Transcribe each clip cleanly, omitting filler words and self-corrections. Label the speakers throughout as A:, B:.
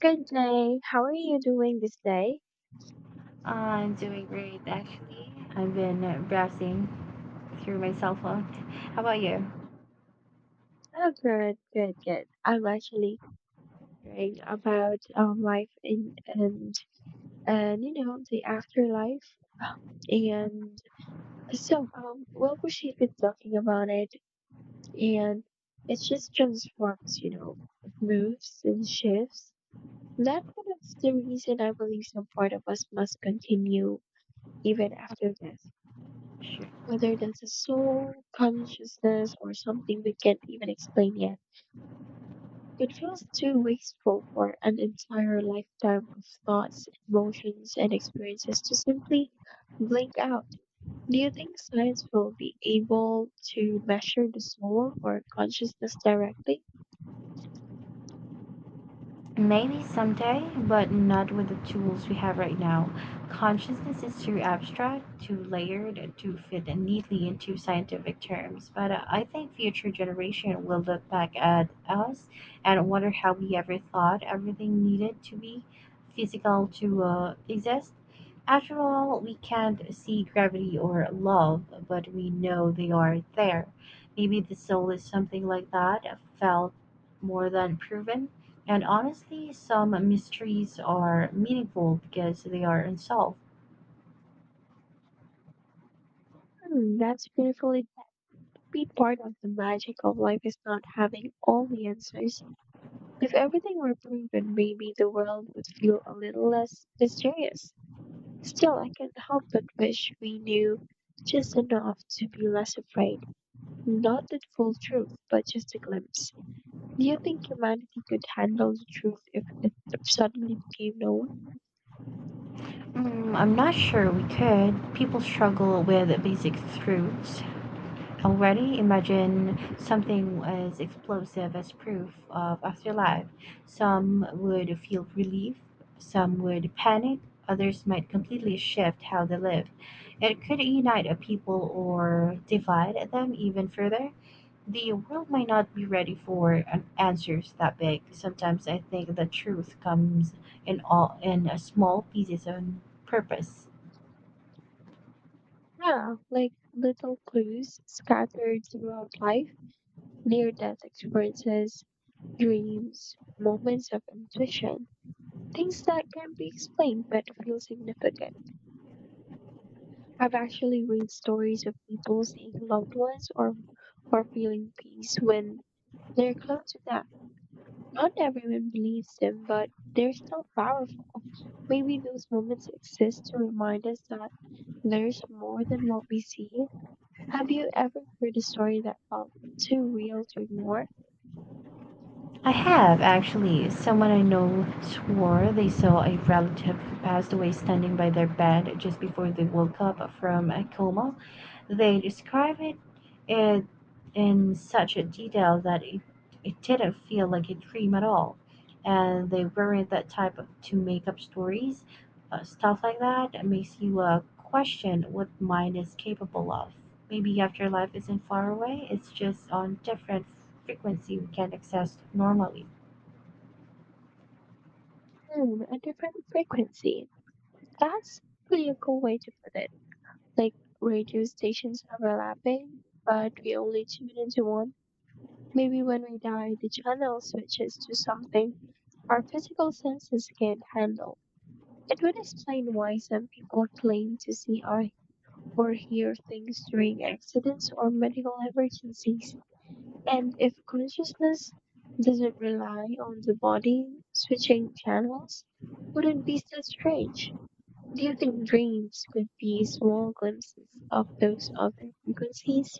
A: Good day. How are you doing this day?
B: I'm doing great, actually. I've been browsing through my cell phone. How about you?
A: Oh, good, good, good. I'm actually thinking about life in, and the afterlife. And so she's been talking about it, and it just transforms. You know, it moves and shifts. That one is the reason I believe some part of us must continue even after death,
B: Sure.
A: whether that's a soul, consciousness, or something we can't even explain yet. It feels too wasteful for an entire lifetime of thoughts, emotions, and experiences to simply blink out. Do you think science will be able to measure the soul or consciousness directly?
B: Maybe someday, but not with the tools we have right now. Consciousness is too abstract, too layered, to fit neatly into scientific terms. But I think future generation will look back at us and wonder how we ever thought everything needed to be physical to exist. After all, we can't see gravity or love, but we know they are there. Maybe the soul is something like that, felt more than proven. And honestly, some mysteries are meaningful because they are unsolved.
A: Hmm, that's beautiful. It might be part of the magic of life is not having all the answers. If everything were proven, maybe the world would feel a little less mysterious. Still, I can't help but wish we knew just enough to be less afraid. Not the full truth, but just a glimpse. Do you think humanity could handle the truth if it suddenly became known?
B: I'm not sure we could. People struggle with basic truths, already imagine something as explosive as proof of afterlife. Some would feel relief, some would panic, others might completely shift how they live. It could unite a people or divide them even further. The world might not be ready for an answers that big. Sometimes I think the truth comes in all in a small pieces on purpose.
A: Yeah, like little clues scattered throughout life, near death experiences, dreams, moments of intuition, things that can't be explained but feel significant. I've actually read stories of people seeing loved ones or feeling peace when they're close to death. Not everyone believes them, but they're still powerful. Maybe those moments exist to remind us that there's more than what we see. Have you ever heard a story that felt too real to ignore?
B: I have, actually. Someone I know swore they saw a relative who passed away standing by their bed just before they woke up from a coma. They described it in such a detail that it didn't feel like a dream at all. And they weren't that type of, to make up stories. Stuff like that makes you question what mind is capable of maybe afterlife isn't far away, it's just on different frequency we can't access normally.
A: Hmm, a different frequency. That's really a cool way to put it. Like radio stations overlapping, but we only tune into one. Maybe when we die, the channel switches to something our physical senses can't handle. It would explain why some people claim to see or hear things during accidents or medical emergencies. And if consciousness doesn't rely on the body switching channels, would it be so strange? Do you think dreams could be small glimpses of those other frequencies?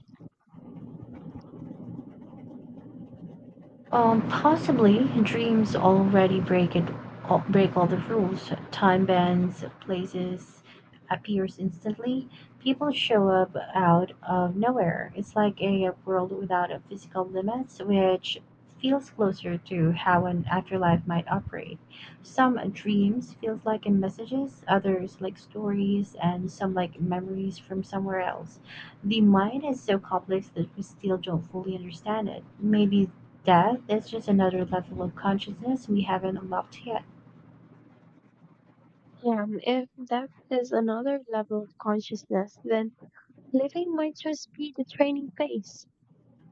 B: Possibly dreams already break it, break all the rules. Time bends, places appears instantly. People show up out of nowhere. It's like a world without a physical limits, which feels closer to how an afterlife might operate. Some dreams feels like in messages, others like stories, and some like memories from somewhere else. The mind is so complex that we still don't fully understand it. Maybe death is just another level of consciousness we haven't unlocked yet.
A: Yeah, if depth is another level of consciousness, then living might just be the training phase.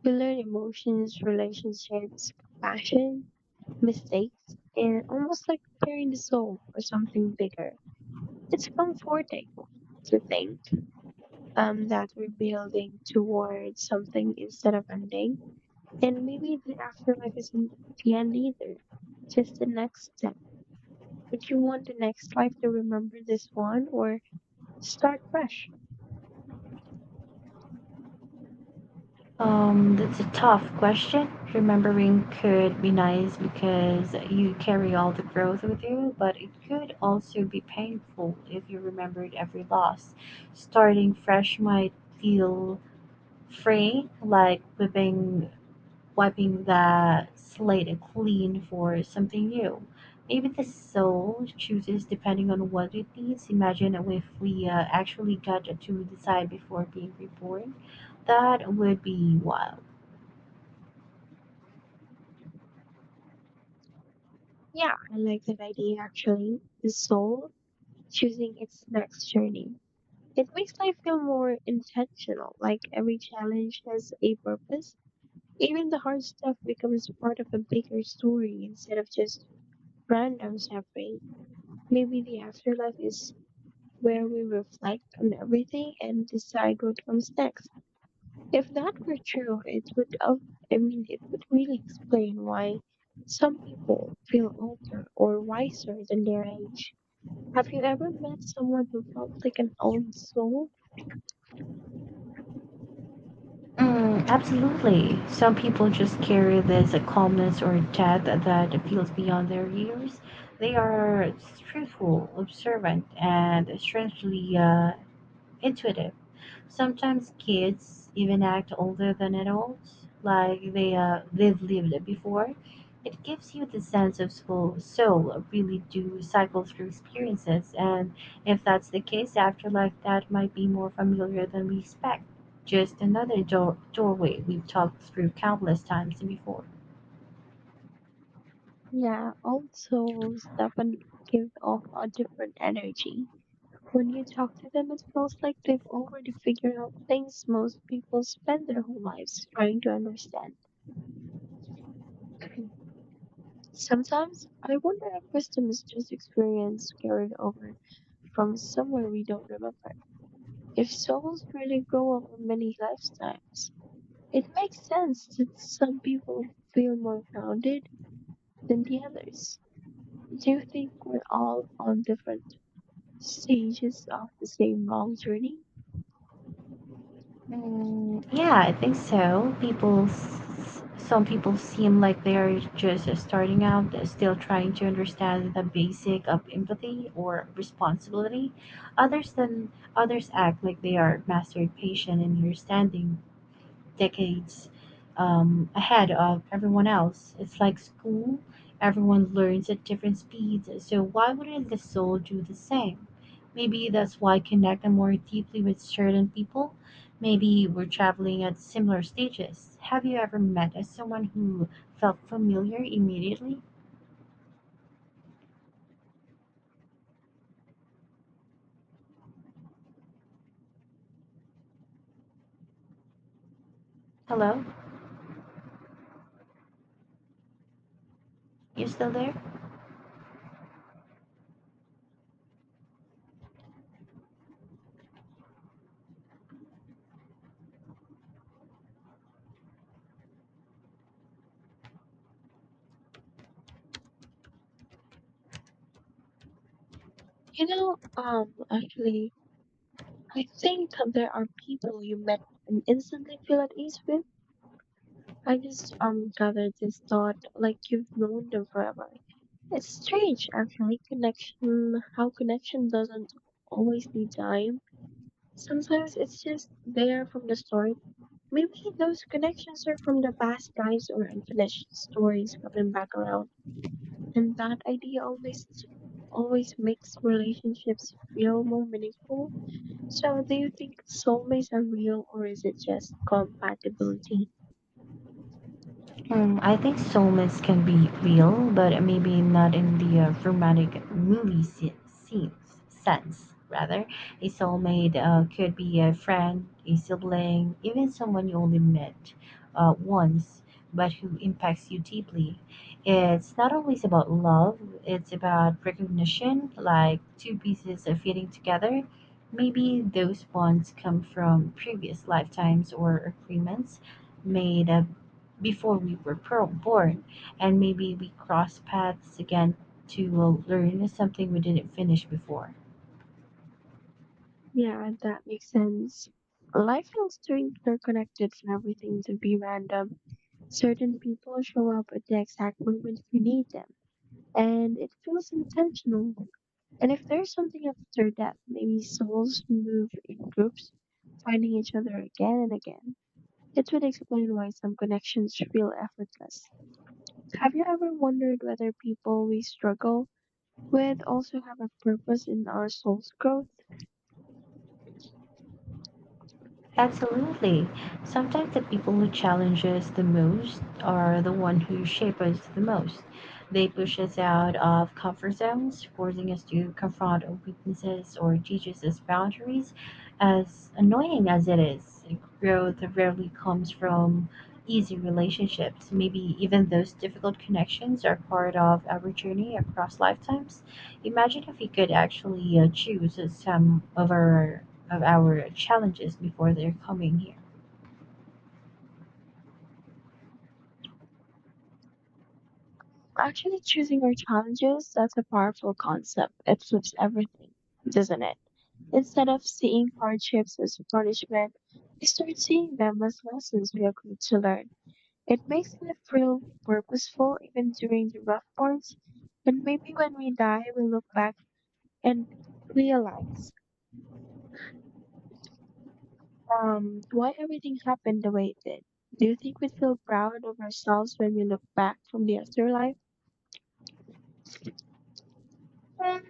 A: We learn emotions, relationships, compassion, mistakes, and almost like preparing the soul for something bigger. It's comforting to think that we're building towards something instead of ending. And maybe the afterlife isn't the end either, just the next step. Would you want the next life to remember this one or start fresh?
B: That's a tough question. Remembering could be nice because you carry all the growth with you, but it could also be painful if you remembered every loss. Starting fresh might feel free, like living, wiping the slate clean for something new. Maybe the soul chooses depending on what it needs. Imagine if we actually got to decide before being reborn. That would be wild.
A: Yeah, I like that idea actually. The soul choosing its next journey. It makes life feel more intentional, like every challenge has a purpose. Even the hard stuff becomes part of a bigger story instead of just random suffering. Maybe the afterlife is where we reflect on everything and decide what comes next. If that were true, it would really explain why some people feel older or wiser than their age. Have you ever met someone who felt like an old soul?
B: Absolutely. Some people just carry this calmness or depth that feels beyond their years. They are truthful, observant, and strangely intuitive. Sometimes kids even act older than adults, like they've lived it before. It gives you the sense of soul really do cycle through experiences, and if that's the case, afterlife that might be more familiar than we expect. Just another doorway we've talked through countless times before.
A: Yeah, old souls definitely give off a different energy. When you talk to them, it feels like they've already figured out things most people spend their whole lives trying to understand. Sometimes I wonder if wisdom is just experience carried over from somewhere we don't remember. If souls really grow over many lifetimes, it makes sense that some people feel more grounded than the others. Do you think we're all on different stages of the same long journey?
B: Yeah, I think so. Some people seem like they're just starting out, still trying to understand the basic of empathy or responsibility. Others than others act like they are mastered patient and understanding decades ahead of everyone else. It's like school, everyone learns at different speeds, so why wouldn't the soul do the same? Maybe that's why I connect more deeply with certain people. Maybe we're traveling at similar stages. Have you ever met as someone who felt familiar immediately? Hello? You still there?
A: You know, actually, I think that there are people you met and instantly feel at ease with. I just gathered this thought like you've known them forever. It's strange, actually, how connection doesn't always need time. Sometimes it's just there from the start. Maybe those connections are from the past guys or unfinished stories coming back around. And that idea always makes relationships feel more meaningful. So do you think soulmates are real or is it just compatibility?
B: I think soulmates can be real, but maybe not in the romantic movie scenes sense. Rather, a soulmate could be a friend, a sibling, even someone you only met once, but who impacts you deeply. It's not always about love; it's about recognition, like two pieces of fitting together. Maybe those bonds come from previous lifetimes or agreements made up before we were born, and maybe we cross paths again to learn something we didn't finish before.
A: Yeah, that makes sense. Life feels too interconnected for everything to be random. Certain people show up at the exact moment we need them, and it feels intentional. And if there's something after that, maybe souls move in groups, finding each other again and again. It would explain why some connections feel effortless. Have you ever wondered whether people we struggle with also have a purpose in our soul's growth?
B: Absolutely. Sometimes the people who challenge us the most are the one who shape us the most. They push us out of comfort zones, forcing us to confront our weaknesses or teaches us boundaries. As annoying as it is, growth rarely comes from easy relationships. Maybe even those difficult connections are part of our journey across lifetimes. Imagine if we could actually choose some of our challenges before they're coming here.
A: Actually, choosing our challenges, that's a powerful concept. It flips everything, doesn't it? Instead of seeing hardships as punishment, we start seeing them as lessons we agreed to learn. It makes life feel purposeful even during the rough parts, and maybe when we die, we look back and realize. Why everything happened the way it did. Do you think we feel proud of ourselves when we look back from the afterlife? And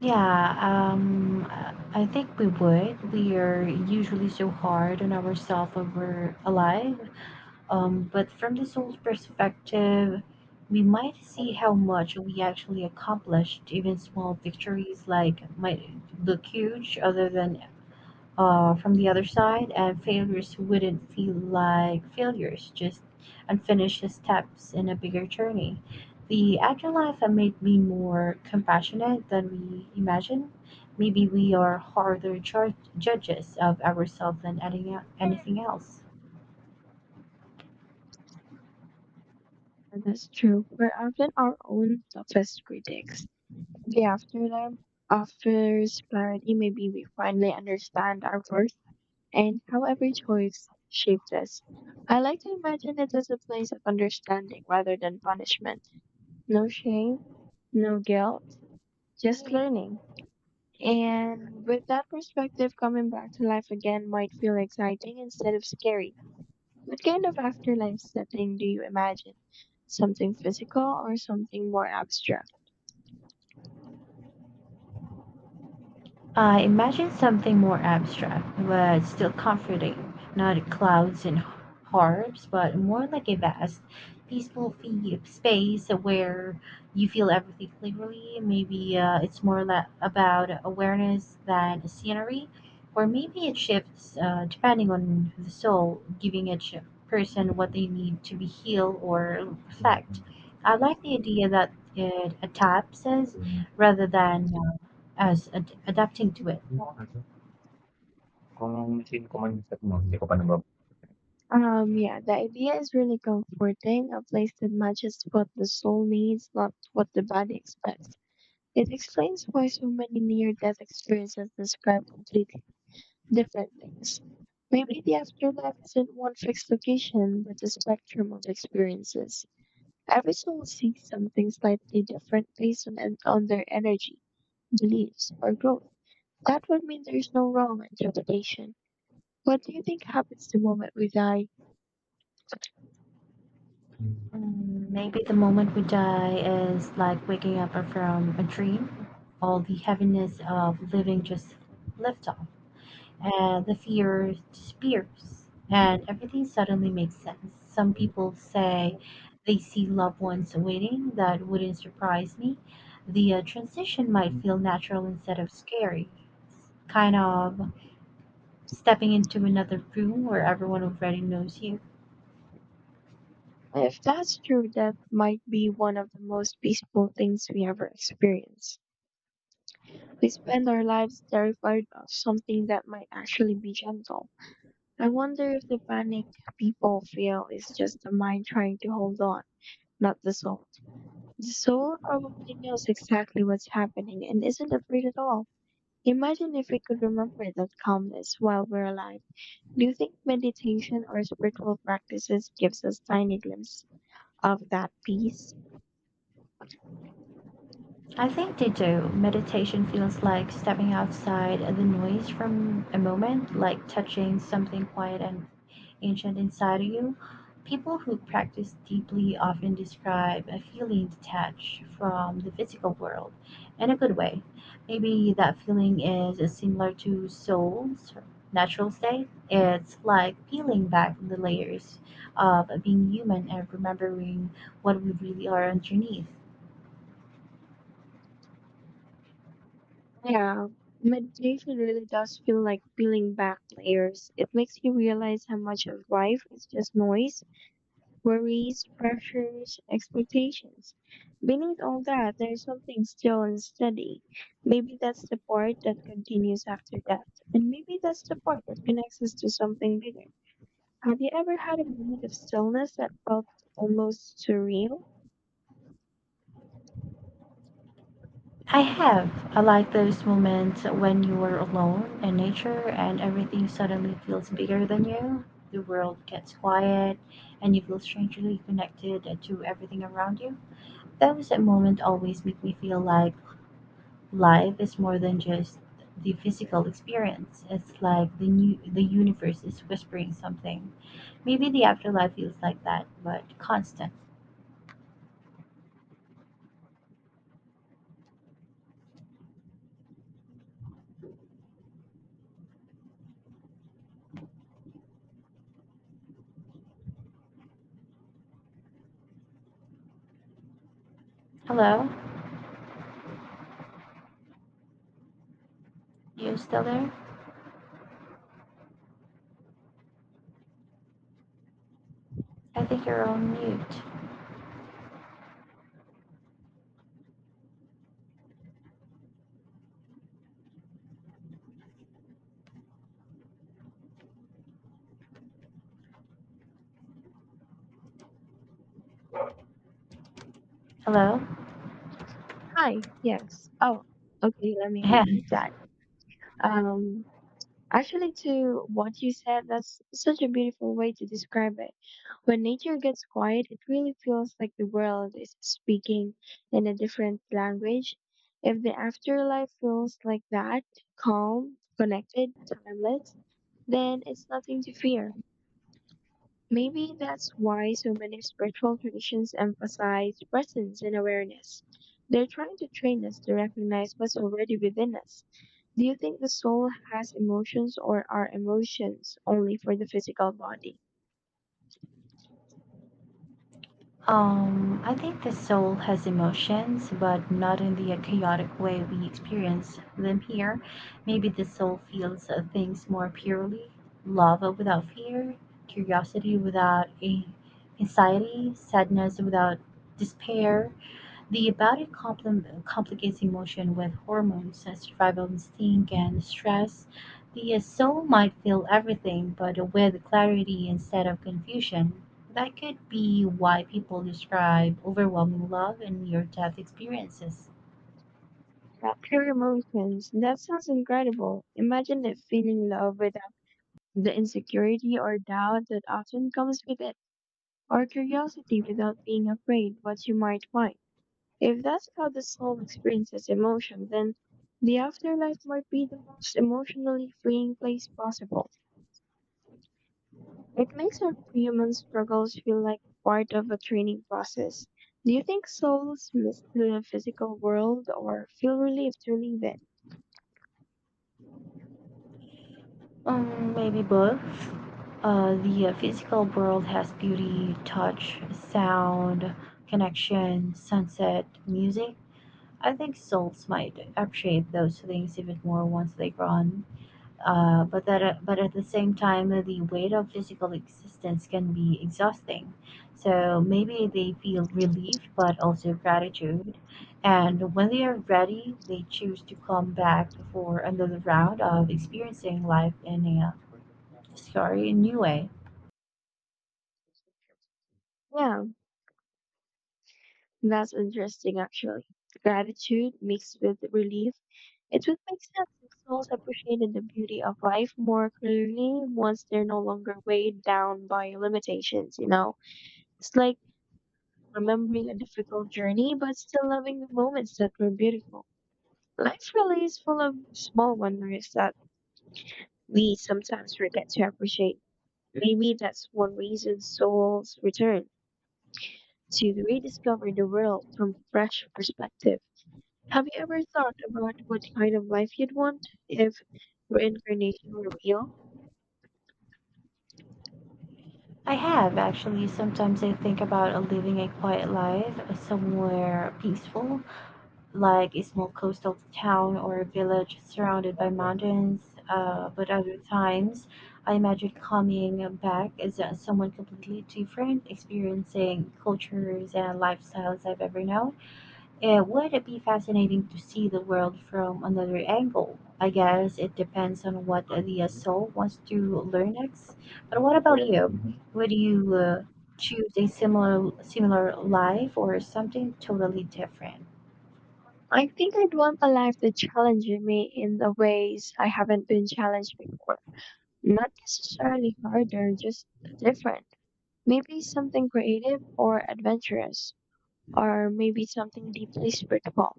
B: Yeah, I think we would. We are usually so hard on ourselves when we're alive. But from the soul's perspective, we might see how much we actually accomplished. Even small victories like might look huge, other than from the other side, and failures wouldn't feel like failures, just unfinished steps in a bigger journey. The afterlife life had made me more compassionate than we imagined. Maybe we are harder judges of ourselves than anything else.
A: that's true. We're often our own toughest critics. The afterlife offers clarity. Maybe we finally understand our worth and how every choice shaped us. I like to imagine it as a place of understanding rather than punishment. No shame, no guilt, just learning. And with that perspective, coming back to life again might feel exciting instead of scary. What kind of afterlife setting do you imagine? Something physical or something more abstract?
B: I imagined something more abstract, but still comforting. Not clouds and harps, but more like a vast, peaceful space where you feel everything clearly. Maybe it's more about awareness than scenery, or maybe it shifts depending on the soul, giving each person what they need to be healed or reflect. I like the idea that it adapts us rather than adapting to it.
A: Yeah, the idea is really comforting, a place that matches what the soul needs, not what the body expects. It explains why so many near death experiences describe completely different things. Maybe the afterlife isn't one fixed location, but a spectrum of experiences. Every soul sees something slightly different based on their energy, beliefs, or growth. That would mean there's no wrong interpretation. What do you think happens the moment we die?
B: Maybe the moment we die is like waking up from a dream. All the heaviness of living just lifts off, and the fear disappears, and everything suddenly makes sense. Some people say they see loved ones waiting. That wouldn't surprise me. The transition might feel natural instead of scary, kind of stepping into another room where everyone already knows you.
A: If that's true, death might be one of the most peaceful things we ever experience. We spend our lives terrified of something that might actually be gentle. I wonder if the panic people feel is just the mind trying to hold on, not the soul. The soul probably knows exactly what's happening and isn't afraid at all. Imagine if we could remember that calmness while we're alive. Do you think meditation or spiritual practices gives us tiny glimpse of that peace?
B: I think they do. Meditation feels like stepping outside the noise from a moment, like touching something quiet and ancient inside of you. People who practice deeply often describe a feeling detached from the physical world in a good way. Maybe that feeling is similar to soul's natural state. It's like peeling back the layers of being human and remembering what we really are underneath.
A: Yeah, meditation really does feel like peeling back layers. It makes you realize how much of life is just noise, worries, pressures, expectations. Beneath all that, there's something still and steady. Maybe that's the part that continues after death, and maybe that's the part that connects us to something bigger. Have you ever had a moment of stillness that felt almost surreal?
B: I have. I like those moments when you are alone in nature and everything suddenly feels bigger than you. The world gets quiet and you feel strangely connected to everything around you. Those moments always make me feel like life is more than just the physical experience. It's like the universe is whispering something. Maybe the afterlife feels like that, but constant. Hello? You still there? I think you're on mute. Hello?
A: Hi, yes. Oh, okay, let me repeat that. Um, Actually, to what you said, that's such a beautiful way to describe it. When nature gets quiet, it really feels like the world is speaking in a different language. If the afterlife feels like that, calm, connected, timeless, then it's nothing to fear. Maybe that's why so many spiritual traditions emphasize presence and awareness. They're trying to train us to recognize what's already within us. Do you think the soul has emotions or are emotions only for the physical body?
B: I think the soul has emotions, but not in the chaotic way we experience them here. Maybe the soul feels things more purely love without fear, curiosity without a anxiety, sadness without despair, the body complicates emotion with hormones, such as survival instinct, and stress. The soul might feel everything, but with clarity instead of confusion. That could be why people describe overwhelming love and near death experiences.
A: Pure emotions. That sounds incredible. Imagine that feeling love without the insecurity or doubt that often comes with it, or curiosity without being afraid what you might find. If that's how the soul experiences emotion, then the afterlife might be the most emotionally freeing place possible. It makes our human struggles feel like part of a training process. Do you think souls miss the physical world or feel relieved to leave it?
B: Maybe both. The physical world has beauty, touch, sound, connection, sunset, music. I think souls might appreciate those things even more once they grow on. But at the same time, the weight of physical existence can be exhausting. So maybe they feel relief, but also gratitude. And when they are ready, they choose to come back for another round of experiencing life in a sorry new way.
A: Yeah, that's interesting actually. Gratitude mixed with relief. It would make sense if souls appreciated the beauty of life more clearly once they're no longer weighed down by limitations, you know? It's like remembering a difficult journey, but still loving the moments that were beautiful. Life really is full of small wonders that we sometimes forget to appreciate. Maybe that's one reason souls return to rediscover the world from fresh perspective. Have you ever thought about what kind of life you'd want if reincarnation were real?
B: I have actually. Sometimes I think about living a quiet life somewhere peaceful like a small coastal town or a village surrounded by mountains. But other times, I imagine coming back as someone completely different, experiencing cultures and lifestyles I've ever known. It would be fascinating to see the world from another angle. I guess it depends on what the soul wants to learn next. But what about you? Would you choose a similar life or something totally different?
A: I think I'd want a life that challenges me in the ways I haven't been challenged before. Not necessarily harder, just different. Maybe something creative or adventurous, or maybe something deeply spiritual.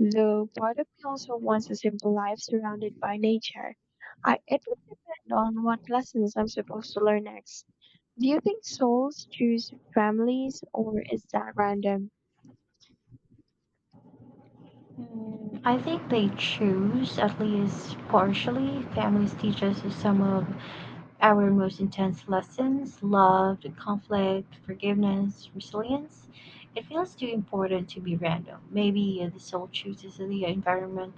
A: Though part of me also wants a simple life surrounded by nature. It would depend on what lessons I'm supposed to learn next. Do you think souls choose families, or is that random?
B: I think they choose, at least partially. Families teach us some of our most intense lessons love, conflict, forgiveness, resilience. It feels too important to be random. Maybe the soul chooses the environment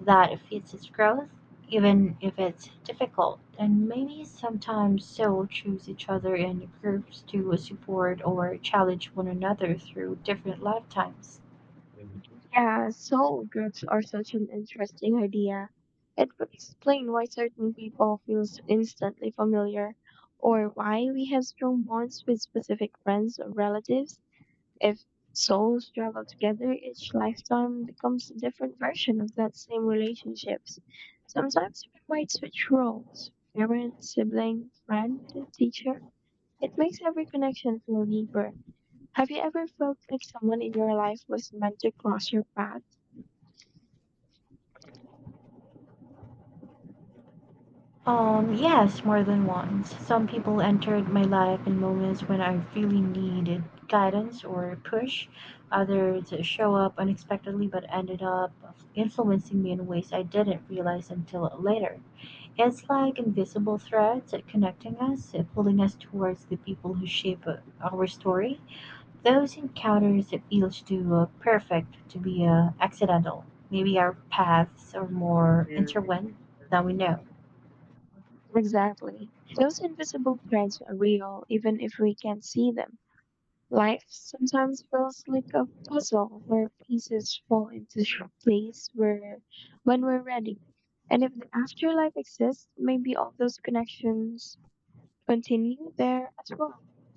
B: that fits its growth, even if it's difficult. And maybe sometimes soul choose each other in groups to support or challenge one another through different lifetimes.
A: Yeah, soul groups are such an interesting idea. It would explain why certain people feel so instantly familiar, or why we have strong bonds with specific friends or relatives. If souls travel together, each lifetime becomes a different version of that same relationships. Sometimes we might switch roles parent, sibling, friend, teacher. It makes every connection feel deeper. Have you ever felt like someone in your life was meant to cross your path?
B: Yes, more than once. Some people entered my life in moments when I really needed guidance or push. Others show up unexpectedly but ended up influencing me in ways I didn't realize until later. It's like invisible threads connecting us, pulling us towards the people who shape our story. Those encounters feel too perfect to be accidental. Maybe our paths are more intertwined than we know.
A: Exactly. Those invisible threads are real, even if we can't see them. Life sometimes feels like a puzzle where pieces fall into sh- place where when we're ready. And if the afterlife exists, maybe all those connections continue there as well.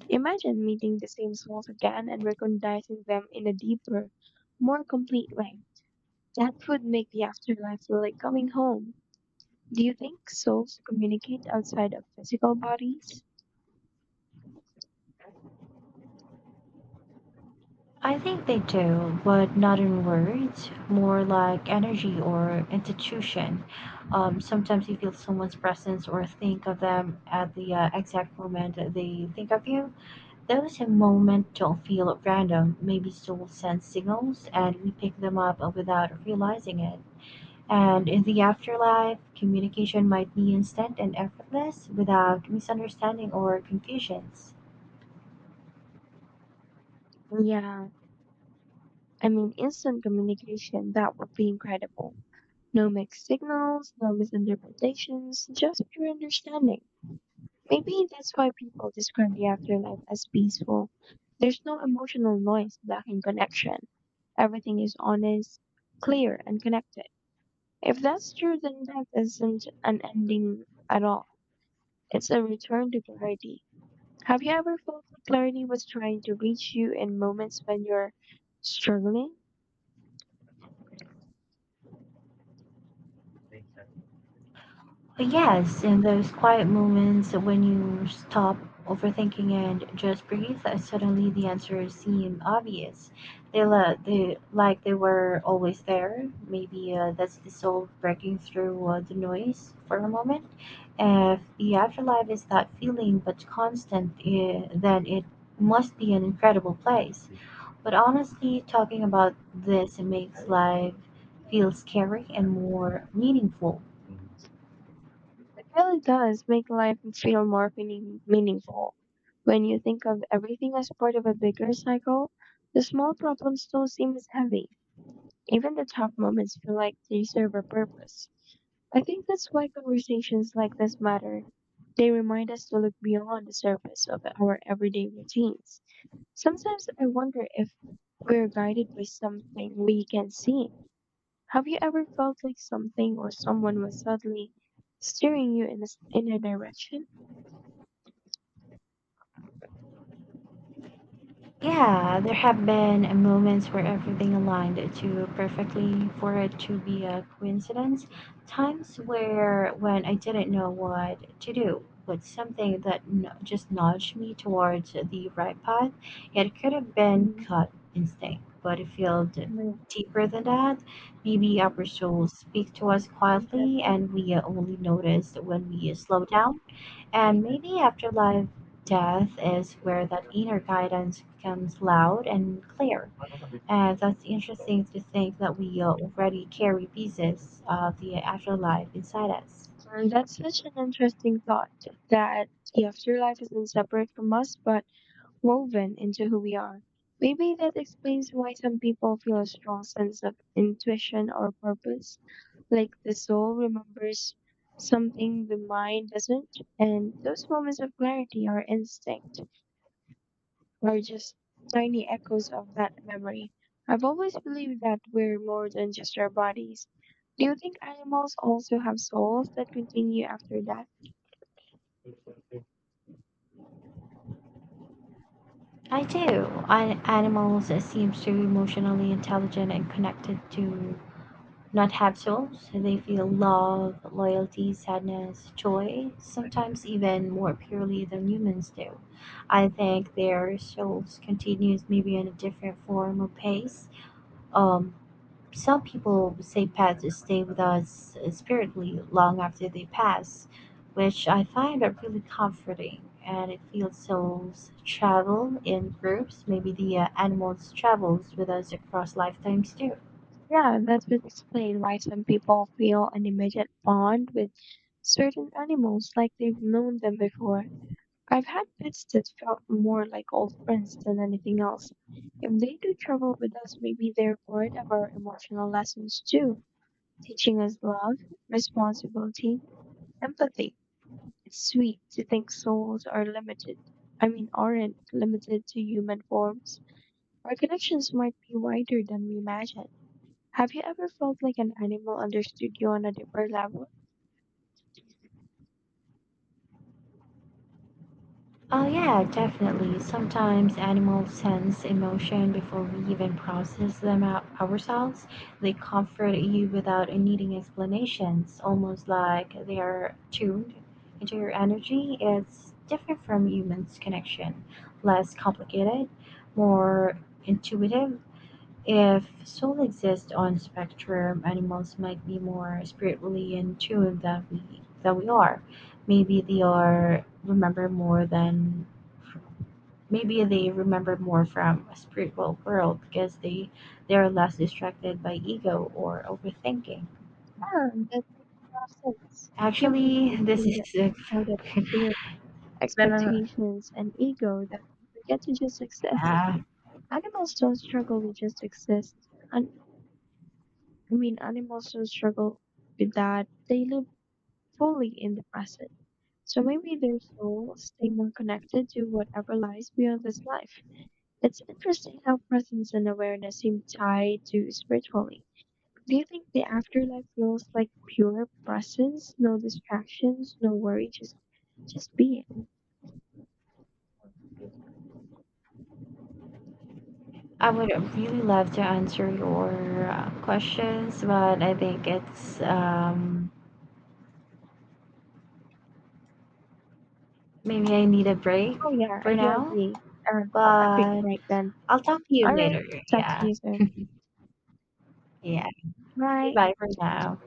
A: Imagine meeting the same souls again and recognizing them in a deeper, more complete way. That would make the afterlife feel like coming home. Do you think souls communicate outside of physical bodies?
B: I think they do, but not in words, more like energy or institution. Sometimes you feel someone's presence or think of them at the exact moment that they think of you. Those moments don't feel random. Maybe souls send signals and we pick them up without realizing it. And in the afterlife, communication might be instant and effortless without misunderstanding or confusions.
A: Yeah, I mean, instant communication, that would be incredible. No mixed signals, no misinterpretations, just pure understanding. Maybe that's why people describe the afterlife as peaceful. There's no emotional noise blocking connection. Everything is honest, clear, and connected. If that's true, then death isn't an ending at all. It's a return to clarity. Have you ever felt that clarity was trying to reach you in moments when you're struggling?
B: Yes, in those quiet moments when you stop overthinking and just breathe, suddenly the answers seem obvious. They like they were always there. Maybe that's the soul breaking through the noise for a moment. If the afterlife is that feeling but constant, then it must be an incredible place. But honestly, talking about this makes life feel scary and more meaningful.
A: It really does make life feel more meaningful. When you think of everything as part of a bigger cycle, the small problems don't seem as heavy. Even the tough moments feel like they serve a purpose. I think that's why conversations like this matter. They remind us to look beyond the surface of our everyday routines. Sometimes I wonder if we're guided by something we can see. Have you ever felt like something or someone was suddenly steering you in a direction?
B: Yeah, there have been moments where everything aligned too perfectly for it to be a coincidence. Times where when I didn't know what to do, but something that just nudged me towards the right path. It could have been
A: Oh
B: gut instinct, but it felt
A: my-
B: deeper than that. Maybe our souls speak to us
A: my goodness.
B: quietly, and we only notice when we slow down. And maybe afterlife death is where that inner guidance becomes loud and clear. And that's interesting to think that we already carry pieces of the afterlife inside us.
A: And that's such an interesting thought that the afterlife isn't separate from us but woven into who we are. Maybe that explains why some people feel a strong sense of intuition or purpose, like the soul remembers something the mind doesn't, and those moments of clarity are instinct. Are just tiny echoes of that memory. I've always believed that we're more than just our bodies. Do you think animals also have souls that continue after death?
B: I do. Animals seem so emotionally intelligent and connected to not have souls, they feel love, loyalty, sadness, joy, sometimes even more purely than humans do. I think their souls continues maybe in a different form or pace. Um, some people say pets stay with us spiritually long after they pass, which I find are really comforting. And it feels souls travel in groups. Maybe the animals travels with us across lifetimes too.
A: Yeah, that would explain why some people feel an immediate bond with certain animals like they've known them before. I've had pets that felt more like old friends than anything else. If they do travel with us, maybe they're part of our emotional lessons too, teaching us love, responsibility, empathy. It's sweet to think souls are limited. I mean, aren't limited to human forms. Our connections might be wider than we imagine. Have you ever felt like an animal understood you on a deeper level?
B: Oh, yeah, definitely. Sometimes animals sense emotion before we even process them out ourselves. They comfort you without needing explanations, almost like they are tuned into your energy. It's different from humans' connection, less complicated, more intuitive. If soul exists on spectrum, animals might be more spiritually in tune than we are. Maybe they are remember more than maybe they remember more from a spiritual world because they are less distracted by ego or overthinking.
A: Yeah, that makes a lot of sense. Human
B: Actually,
A: minds
B: this
A: can get
B: is a
A: so crowded with fear,
B: been a-
A: expectations, and ego that we forget to just exist.
B: yeah.
A: Animals don't struggle with just exist. And I mean, Animals don't struggle with that. They live fully in the present. So maybe their souls stay more connected to whatever lies beyond this life. It's interesting how presence and awareness seem tied to spirituality. Do you think the afterlife feels like pure presence, no distractions, no worry, just being?
B: I would really love to answer your questions, but I think it's maybe I need a break
A: Oh yeah, I
B: for
A: do
B: now,
A: agree. A, a quick
B: but
A: break then.
B: I'll talk to you
A: All
B: later.
A: right, talk to
B: Yeah.
A: you soon.
B: Yeah.
A: Bye.
B: Goodbye for now.